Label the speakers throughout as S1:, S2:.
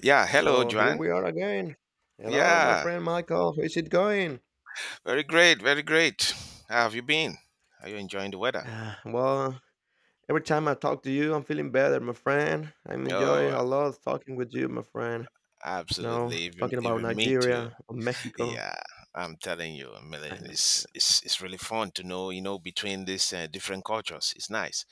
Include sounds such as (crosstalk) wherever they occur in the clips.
S1: Yeah, hello,
S2: So here
S1: Joanne.
S2: we are again. Hello, my
S1: Yeah,
S2: friend Michael. How's it going? (sighs)
S1: very great, very great. How have you been? Are you enjoying the weather?
S2: Ah, well, every time I talk to you, I'm feeling better, my friend. I'm enjoying
S1: Oh,
S2: a lot talking with you, my friend. No,
S1: absolutely. Even,
S2: talking about
S1: even me too.
S2: Nigeria or Mexico.
S1: Yeah, I'm telling you,
S2: I
S1: Millen,
S2: know.
S1: it's really fun to know, you know, between these different cultures. It's nice.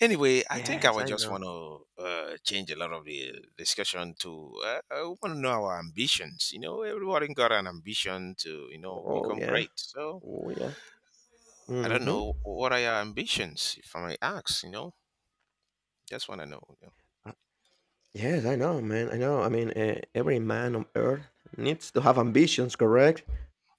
S1: Anyway, I think I
S2: Yes,
S1: would
S2: I
S1: just
S2: know.
S1: want to change a lot of the discussion to I want to know our ambitions. You know, everyone got an ambition to, you know,
S2: Oh
S1: become
S2: yeah.
S1: great. So
S2: Oh yeah.
S1: I don't
S2: Mm-hmm.
S1: know what are your ambitions, if I may ask. You know. Just want to know.
S2: Uh, Yes, I know, man. I know. Every man on earth needs to have ambitions, correct?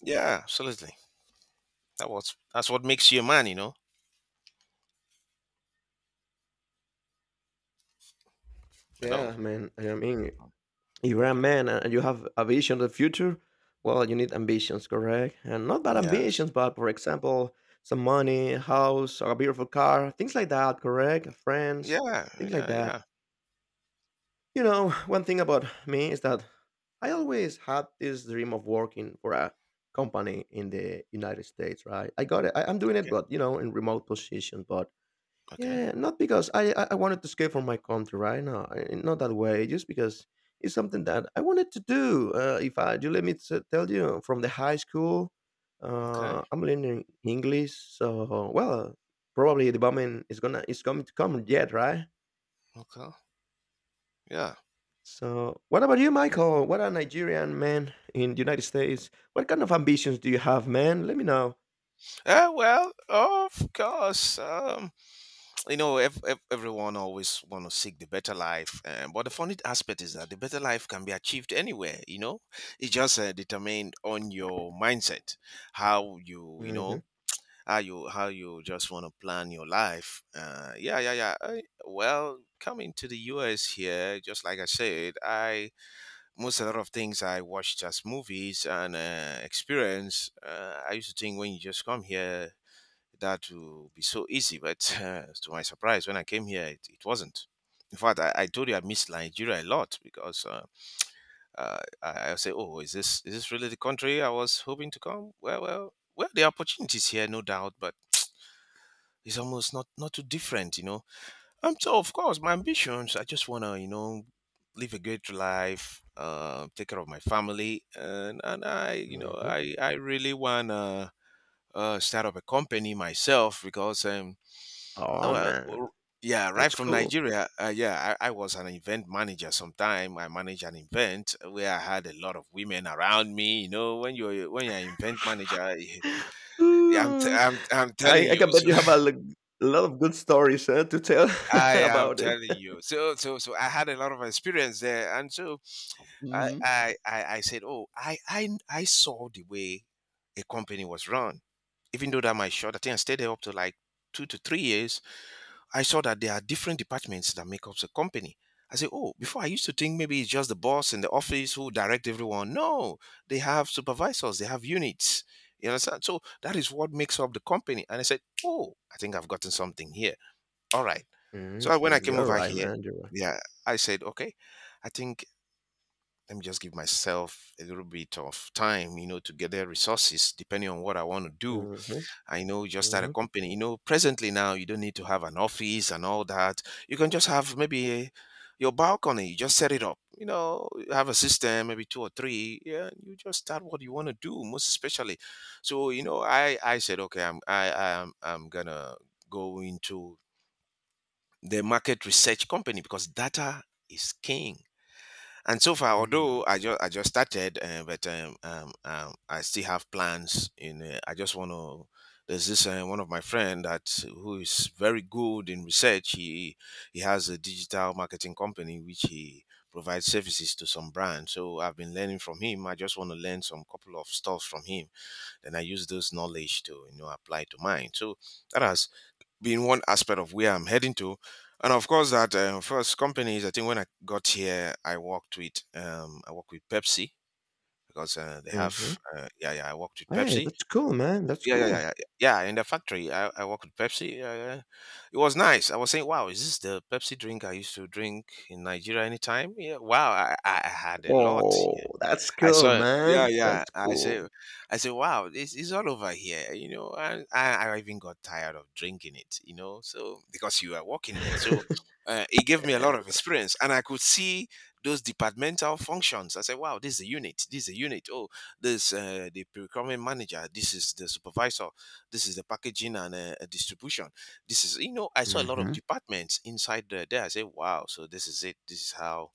S1: Yeah, absolutely. That's what makes you a man, you know. Hello.
S2: Yeah, man. If you're a
S1: Okay.
S2: man and you have a vision of the future, well, you need ambitions, correct? And not bad
S1: Yes.
S2: ambitions, but for example, some money, a house, or a beautiful car, things like that, correct? Friends,
S1: Yeah.
S2: things like
S1: Yeah.
S2: that.
S1: Yeah.
S2: You know, one thing about me is that I always had this dream of working for a company in the United States, right? I got it. I'm doing it,
S1: Okay.
S2: but you know, in remote position, but
S1: Okay.
S2: yeah, not because I wanted to escape from my country, right? No, not that way. Just because it's something that I wanted to do. If I do, let me tell you, from the high school,
S1: Okay.
S2: I'm learning English. So, well, probably the bombing is gonna is coming to come yet, right?
S1: Okay. Yeah.
S2: So, what about you, Michael? What a Nigerian man in the United States. What kind of ambitions do you have, man? Let me know.
S1: Well, of course. You know, everyone always want to seek the better life, but the funny aspect is that the better life can be achieved anywhere. You know, it's just determined on your mindset, how you, you
S2: Hmm
S1: know, how you just want to plan your life. Yeah. Well, coming to the U.S. here, just like I said, I most a lot of things I watched as movies and experience. I used to think when you just come here that will be so easy, but (laughs) to my surprise, when I came here, it wasn't. In fact, I told you I missed Nigeria a lot because I say, oh, is this really the country I was hoping to come? Well, the opportunities here, no doubt, but it's almost not too different, you know. So of course, my ambitions. I just wanna, you know, live a great life, take care of my family, and I, you know,
S2: hmm
S1: I really wanna start up a company myself because
S2: Oh
S1: well,
S2: man,
S1: well, yeah, right
S2: that's
S1: from
S2: cool.
S1: Nigeria, yeah, I was an event manager. Sometime I managed an event where I had a lot of women around me. You know, when you're an event manager, (laughs) I'm t-
S2: Ooh.
S1: I'm I'm telling
S2: I
S1: you.
S2: can bet you have
S1: (laughs)
S2: a lot of good stories to tell (laughs)
S1: I am
S2: about it.
S1: telling you. So I had a lot of experience there, and so I
S2: Hmm
S1: I I, I said, oh, I saw the way a company was run. Even though that my short, I think I stayed there up to like 2 to 3 years. I saw that there are different departments that make up the company. I said, oh, before I used to think maybe it's just the boss in the office who direct everyone. No, they have supervisors, they have units. You understand? So that is what makes up the company. And I said, oh, I think I've gotten something here. All right.
S2: hmm
S1: So when I came
S2: You're
S1: over
S2: right,
S1: here,
S2: man. You're right.
S1: yeah, I said, okay, I think let me just give myself a little bit of time, you know, to gather resources depending on what I want to do.
S2: hmm
S1: I know just start a
S2: hmm
S1: company. You know, presently now you don't need to have an office and all that. You can just have maybe a, your balcony. You just set it up. You know, have a system, maybe two or three. Yeah, you just start what you want to do, most especially. So you know, I said, okay, I'm I I'm gonna go into the market research company because data is king. And so far,
S2: hmm
S1: although I just started, but I still have plans. In I just want to. There's this one of my friend that who is very good in research. He has a digital marketing company which he provides services to some brands. So I've been learning from him. I just want to learn some couple of stuff from him. Then I use those knowledge to you know apply to mine. So that has being one aspect of where I'm heading to. And of course, that first companies, I think when I got here, I worked with Pepsi because they
S2: hmm
S1: have yeah yeah I worked with
S2: Hey,
S1: Pepsi
S2: that's cool, man. That's
S1: yeah yeah yeah
S2: cool.
S1: yeah yeah, in the factory I worked with Pepsi. It was nice. I was saying, wow, is this the Pepsi drink I used to drink in Nigeria anytime? Yeah, wow, I had a lot.
S2: Oh,
S1: Yeah.
S2: that's
S1: I
S2: cool,
S1: saw, yeah,
S2: man. That's
S1: yeah.
S2: cool.
S1: I say, wow, this is all over here, you know. And I even got tired of drinking it, you know. So because you were working there,
S2: (laughs)
S1: so it gave me a
S2: yeah.
S1: lot of experience, and I could see those departmental functions. I said, wow, this is a unit, this is a unit. Oh, this the procurement manager, this is the supervisor, this is the packaging and distribution. This is, you know, I saw a lot of
S2: hmm
S1: departments inside there. I said, wow, so this is it. This is how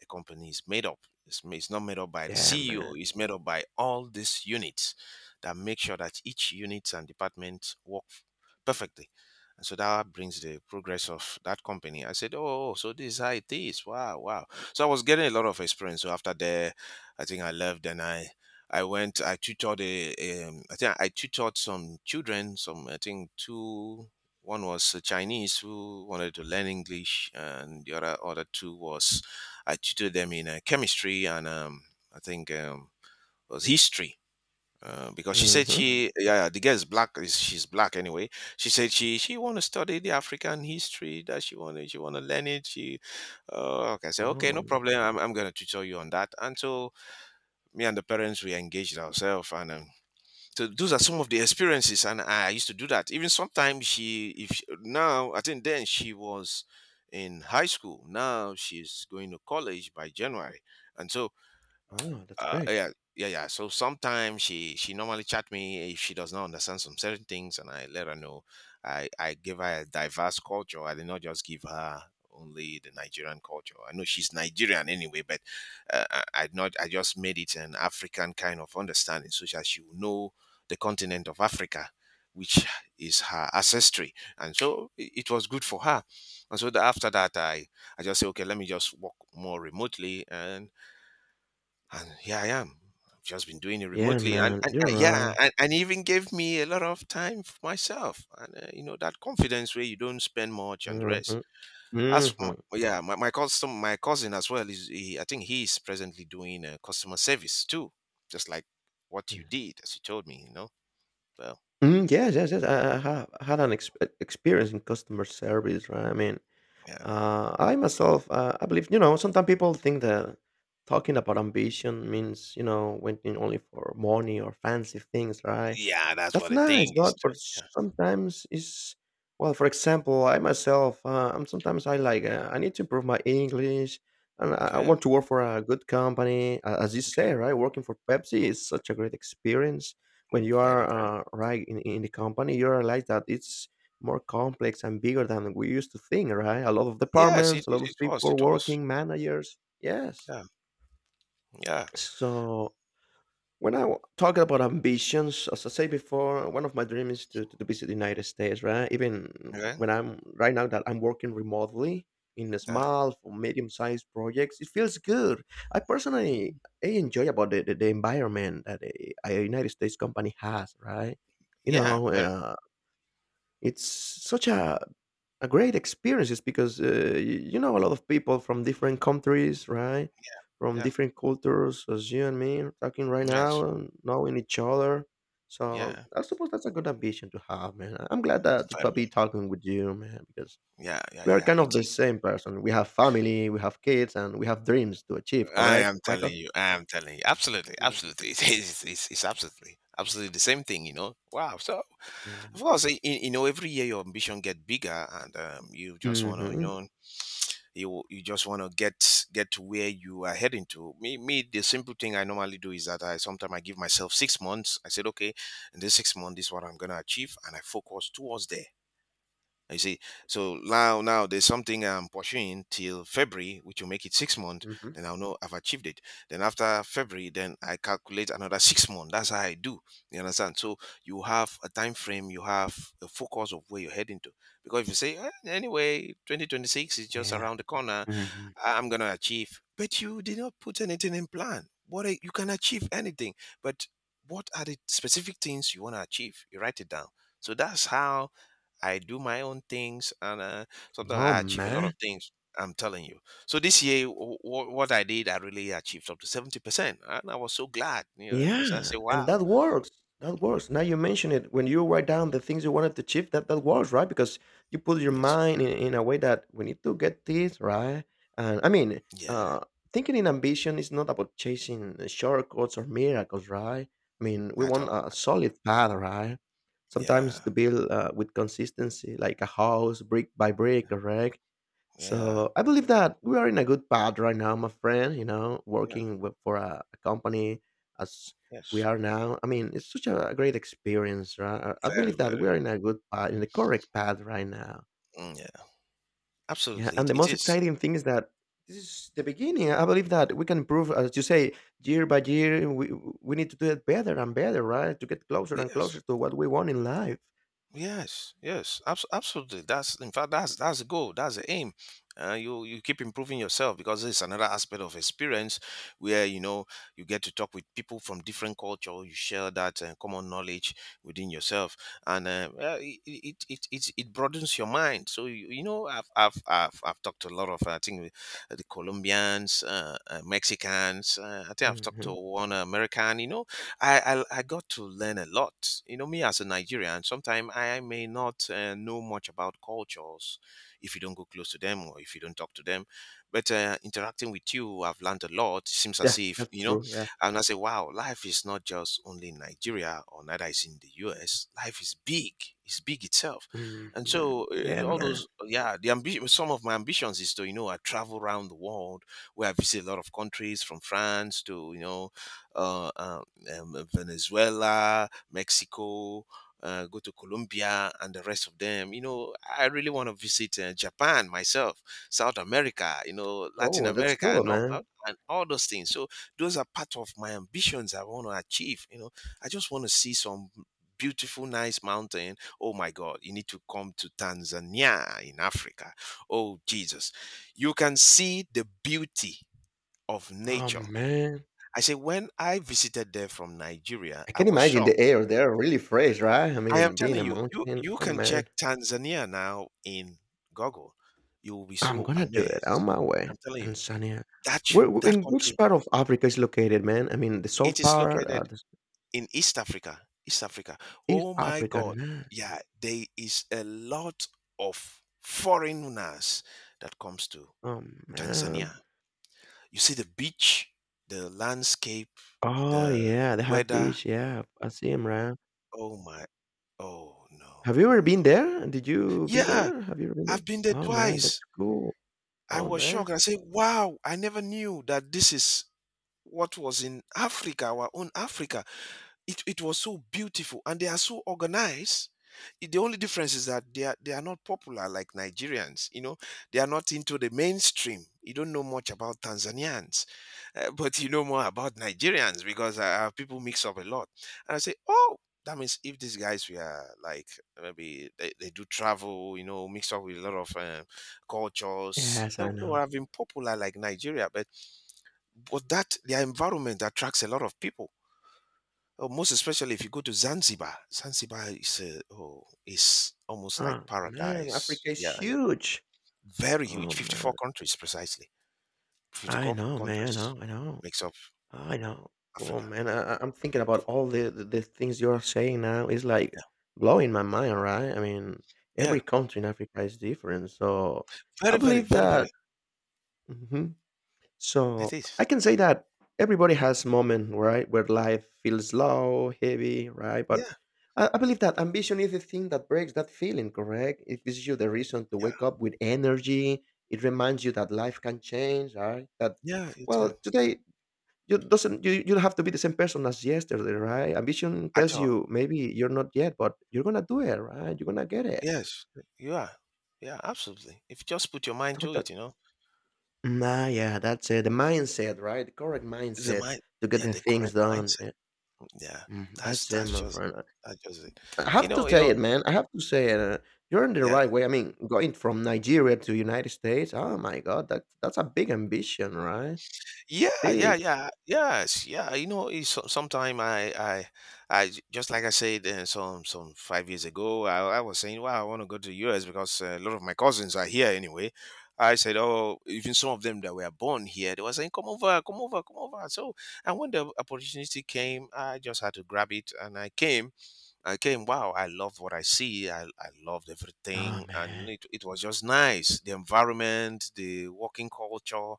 S1: a company is made up it's not made up by the
S2: Yeah, man.
S1: CEO. It's made up by all these units that make sure that each unit and department perfectly. And so that brings the progress of that company. I said, oh, so this is how it is. Wow, wow. So I was getting a lot of experience. So after there, I think I left and I went, I tutored, I think I tutored some children, some, I think two, one was a Chinese who wanted to learn English and the other two was I tutored them in chemistry and I think was history. Because she said
S2: Hmm
S1: she, yeah, yeah, the girl is black. She's black anyway. She said she want to study the African history. That she want to learn it. Okay, I said okay, no
S2: Oh,
S1: problem. I'm gonna tutor you on that. And so me and the parents we engaged ourselves and so those are some of the experiences and I used to do that even sometimes she if she- now I think then she was in high school, now she's going to college by January. And so
S2: oh, that's great.
S1: yeah, yeah yeah so sometimes she normally chat me if she does not understand some certain things and I let her know. I give her a diverse culture. I did not just give her only the Nigerian culture, I know she's Nigerian anyway, but I not I just made it an African kind of understanding so that she will know the continent of Africa, which is her ancestry. And so it was good for her. And so after that I just say okay let me just work more remotely, and here I am. I've just been doing it
S2: Yeah,
S1: remotely, and,
S2: man. You're
S1: yeah,
S2: right.
S1: and even gave me a lot of time for myself, and you know that confidence where you don't spend much and the rest.
S2: hmm
S1: As for my cousin, my cousin as well is. He, I think he's presently doing customer service too, just like what you
S2: hmm
S1: did, as you told me. You know, well,
S2: Mm, yes, yes, yes. I have had an experience in customer service, right? I mean,
S1: yeah,
S2: I myself, I believe, you know, sometimes people think that talking about ambition means, you know, waiting only for money or fancy things, right?
S1: yeah, that's
S2: That's
S1: what I
S2: nice,
S1: think is.
S2: but
S1: To, yeah.
S2: sometimes it's well, for example, I myself, I'm sometimes I like I need to improve my English, and I
S1: Okay,
S2: want to work for a good company. As you
S1: okay,
S2: say, right, working for Pepsi is such a great experience. When you
S1: very
S2: are
S1: very.
S2: right in the company, you realize that it's more complex and bigger than we used to think, right? A lot of
S1: Yes, it,
S2: departments, a
S1: it,
S2: lot of
S1: it was,
S2: people
S1: it was.
S2: working, managers. Yes.
S1: Yeah, yeah,
S2: So when I talk about ambitions, as I say before, one of my dreams is to visit the United States, right? Even
S1: okay,
S2: when I'm right now that I'm working remotely in a
S1: yeah,
S2: small or medium sized projects, it feels good. I personally
S1: mm-hmm,
S2: I enjoy about the environment that a United States company has, right? You
S1: yeah,
S2: know,
S1: very,
S2: it's such a great experience just because you know a lot of people from different countries, right? From
S1: yeah,
S2: different cultures, as you and me are talking right now,
S1: yes.
S2: and knowing each other. So
S1: Yeah,
S2: I suppose that's a good ambition to have, man. I'm glad that to
S1: vitamin.
S2: be talking with you, man, because
S1: Yeah, yeah,
S2: we
S1: yeah,
S2: are
S1: yeah.
S2: kind
S1: It,
S2: of the
S1: it,
S2: same person. We have family, we have kids, and we have dreams to achieve.
S1: I
S2: Correct,
S1: am
S2: Michael?
S1: telling you, I am telling you, absolutely,
S2: Mm-hmm.
S1: absolutely. (laughs) It is, it's absolutely, absolutely the same thing, you know. Wow. So of
S2: Yeah.
S1: course, in, you know, every year your ambition get bigger, and you just wanna, you
S2: Mm-hmm.
S1: know, you just wanna get to where you are heading to. Me, the simple thing I normally do is that I sometimes I give myself 6 months. I said, okay, in this 6 months, this is what I'm gonna achieve, and I focus towards there. You see, so now there's something I'm pursuing till February, which will make it 6 months. Then I'll know I've achieved it. Then after February, then I calculate another 6 months. That's how I do. You understand? So you have a time frame, you have a focus of where you're heading to. Because if you say "Eh, anyway, 2026 is just
S2: Yeah.
S1: around the corner,
S2: hmm
S1: I'm gonna achieve, but you did not put anything in plan. What are, you can achieve anything, but what are the specific things you want to achieve? You write it down. So that's how I do my own things, and sometimes
S2: Oh
S1: I achieve a lot of
S2: man.
S1: things. I'm telling you. So this year, what I did, I really achieved up to 70%, and I was so glad. You know, and so I say,
S2: Yeah, and
S1: wow.
S2: that works. That works. Now you mention it. When you write down the things you wanted to achieve, that works, right? Because you put your
S1: Yes.
S2: mind in a way that we need to get this, right? And I mean,
S1: Yeah.
S2: uh, thinking in ambition is not about chasing shortcuts or miracles, right? I mean, we
S1: At
S2: want
S1: all.
S2: a
S1: At all.
S2: solid path, right? Sometimes
S1: Yeah.
S2: to build with consistency, like a house, brick by brick, correct?
S1: Yeah.
S2: So I believe that we are in a good path right now, my friend. You know,
S1: Yeah.
S2: working for a company as we
S1: Yes.
S2: are now. I mean, it's such a, great experience, right? I
S1: Very.
S2: believe that
S1: Very.
S2: we are in a good path, in the correct path right now.
S1: Mm, yeah.
S2: Yeah,
S1: Absolutely.
S2: and
S1: It,
S2: the
S1: it
S2: most
S1: is.
S2: exciting thing is that this is the beginning. I believe that we can improve, as you say, year by year. We need to do it better and better, right? To get closer and
S1: Yes.
S2: closer to what we want in life.
S1: Yes, yes, absolutely. That's in fact that's the goal. That's the aim. You keep improving yourself because it's another aspect of experience where you know you get to talk with people from different culture. You share that common knowledge within yourself, and well, it broadens your mind. So you know I've talked to a lot of I think the Colombians, Mexicans. I think I've talked to
S2: Hmm
S1: one American. You know I got to learn a lot. You know, me as a Nigerian, sometimes I may not know much about cultures if you don't go close to them or if you don't talk to them. But interacting with you, I've learned a lot. It seems as
S2: Yeah,
S1: if
S2: that's
S1: you know,
S2: true. Yeah.
S1: and I say, wow, life is not just only in Nigeria or neither is in the U.S. Life is big. It's big itself. And
S2: hmm
S1: so
S2: Yeah,
S1: all
S2: man.
S1: those, yeah, the ambition. Some of my ambitions is to, you know, I travel around the world where I visit a lot of countries, from France to, you know, uh, uh, Venezuela, Mexico, go to Colombia, and the rest of them. You know, I really want to visit Japan myself, South America, you know, Latin
S2: Oh, that's
S1: America,
S2: cool, man.
S1: and all those things. So those are part of my ambitions I want to achieve. You know, I just want to see some beautiful nice mountain. Oh my God, you need to come to Tanzania in Africa. Oh Jesus, you can see the beauty of
S2: Oh,
S1: nature.
S2: man.
S1: I say, when I visited there from Nigeria,
S2: I
S1: I
S2: can
S1: was
S2: imagine
S1: shocked.
S2: the air there really fresh, right? I
S1: I am
S2: mean, being
S1: telling
S2: a
S1: you, you
S2: mountain.
S1: you
S2: Oh,
S1: can check
S2: man.
S1: Tanzania now in Google. You will be
S2: I'm
S1: so
S2: gonna do it on
S1: amazed.
S2: my way.
S1: I'm telling you,
S2: Tanzania.
S1: that
S2: Where,
S1: should that
S2: in which
S1: country,
S2: part of Africa is located, man? I mean, the
S1: it
S2: south
S1: is
S2: part,
S1: located
S2: the
S1: in East Africa. East Africa.
S2: East
S1: Oh my
S2: Africa.
S1: God.
S2: Nah.
S1: Yeah, there is a lot of foreigners that comes to
S2: Oh, man.
S1: Tanzania. You see the beach, the landscape,
S2: Oh,
S1: the
S2: yeah. They have
S1: weather.
S2: beach. Yeah. I see him, right?
S1: Oh my. Oh no.
S2: Have you
S1: Oh
S2: ever been
S1: no.
S2: there? Did you be
S1: Yeah,
S2: there? Have you ever been
S1: I've
S2: there?
S1: been there
S2: Oh, man.
S1: twice.
S2: That's cool.
S1: I
S2: Oh,
S1: was
S2: man.
S1: shocked. I said, "Wow, I never knew that this is what was in Africa, our own Africa. It was so beautiful and they are so organized. The only difference is that they are not popular like Nigerians. You know, they are not into the mainstream. You don't know much about Tanzanians, but you know more about Nigerians because our people mix up a lot. And I say, oh, that means if these guys were like maybe they do travel, you know, mix up with a lot of cultures,
S2: Yes,
S1: they,
S2: I
S1: they would
S2: know.
S1: have been popular like Nigeria. But that their environment attracts a lot of people. Oh, most especially if you go to Zanzibar. Zanzibar is a, oh, is almost like
S2: Oh, man.
S1: paradise.
S2: Africa
S1: Yeah,
S2: is
S1: yeah.
S2: huge.
S1: Very huge.
S2: Oh, man.
S1: 54 countries precisely.
S2: I
S1: 54
S2: know, man. I
S1: countries
S2: know. I know.
S1: makes up
S2: I know. Oh
S1: Africa.
S2: man, I'm thinking about
S1: 54.
S2: all the things you're saying now. It's like
S1: Yeah,
S2: blowing my mind, right? I mean,
S1: yeah.
S2: every country in Africa is different. So I
S1: Very, very,
S2: believe
S1: very,
S2: that.
S1: very.
S2: Hmm
S1: It
S2: So
S1: is.
S2: I can say that everybody has moment, right, where life feels low, heavy, right? But
S1: Yeah,
S2: I believe that ambition is the thing that breaks that feeling. Correct? It gives you the reason to
S1: yeah,
S2: wake up with energy. It reminds you that life can change, right? That
S1: yeah. It,
S2: well,
S1: yeah.
S2: today you doesn't you you have to be the same person as yesterday, right? Ambition
S1: At
S2: tells
S1: all.
S2: you maybe you're not yet, but you're gonna do it, right? You're gonna get it.
S1: Yes, you are. Yeah, absolutely. If you just put your mind to
S2: Total.
S1: it, you know,
S2: Nah, yeah, that's it. The mindset, right? The correct
S1: it's the
S2: mindset
S1: mind.
S2: to get
S1: Yeah,
S2: the
S1: the
S2: things
S1: correct
S2: done.
S1: mindset.
S2: Yeah.
S1: Yeah,
S2: Mhm,
S1: that's
S2: that's it,
S1: that's
S2: my
S1: just
S2: friend.
S1: that's just it.
S2: I have to
S1: You
S2: say
S1: know,
S2: it, man. I have to say it. You're in the
S1: yeah,
S2: right way. I mean, going from Nigeria to United States. Oh my God, that's a big ambition, right? It's a
S1: yeah, yeah,
S2: big.
S1: yeah, yes, yeah. You know, sometime I just like I said, some 5 years ago, I was saying, wow, I want to go to the US because a lot of my cousins are here anyway. I said, oh, even some of them that were born here, they were saying, come over, come over, come over. So, and when the opportunity came, I just had to grab it, and I came. Again, wow, I loved what I see. I loved
S2: Oh
S1: everything. And
S2: man,
S1: it was just nice. The environment, the working culture,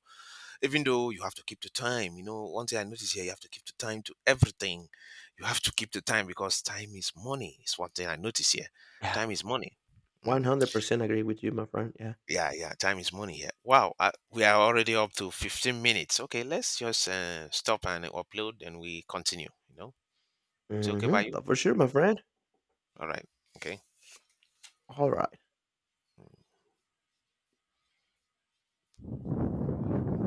S1: even though you have to keep the time. You know, one thing I noticed here, you have to keep the time to everything. You have to keep the time because time is money. It's one thing I noticed here.
S2: yeah,
S1: Time is money.
S2: one
S1: Mm.
S2: hundred percent agree with you, my friend. Yeah,
S1: Yeah, yeah, time is money here. Wow, I, we are already up to 15 minutes. Okay, let's just stop and upload and we continue. You know, it's okay by you?
S2: mm-hmm. For sure, my friend.
S1: All right. Okay.
S2: Alright.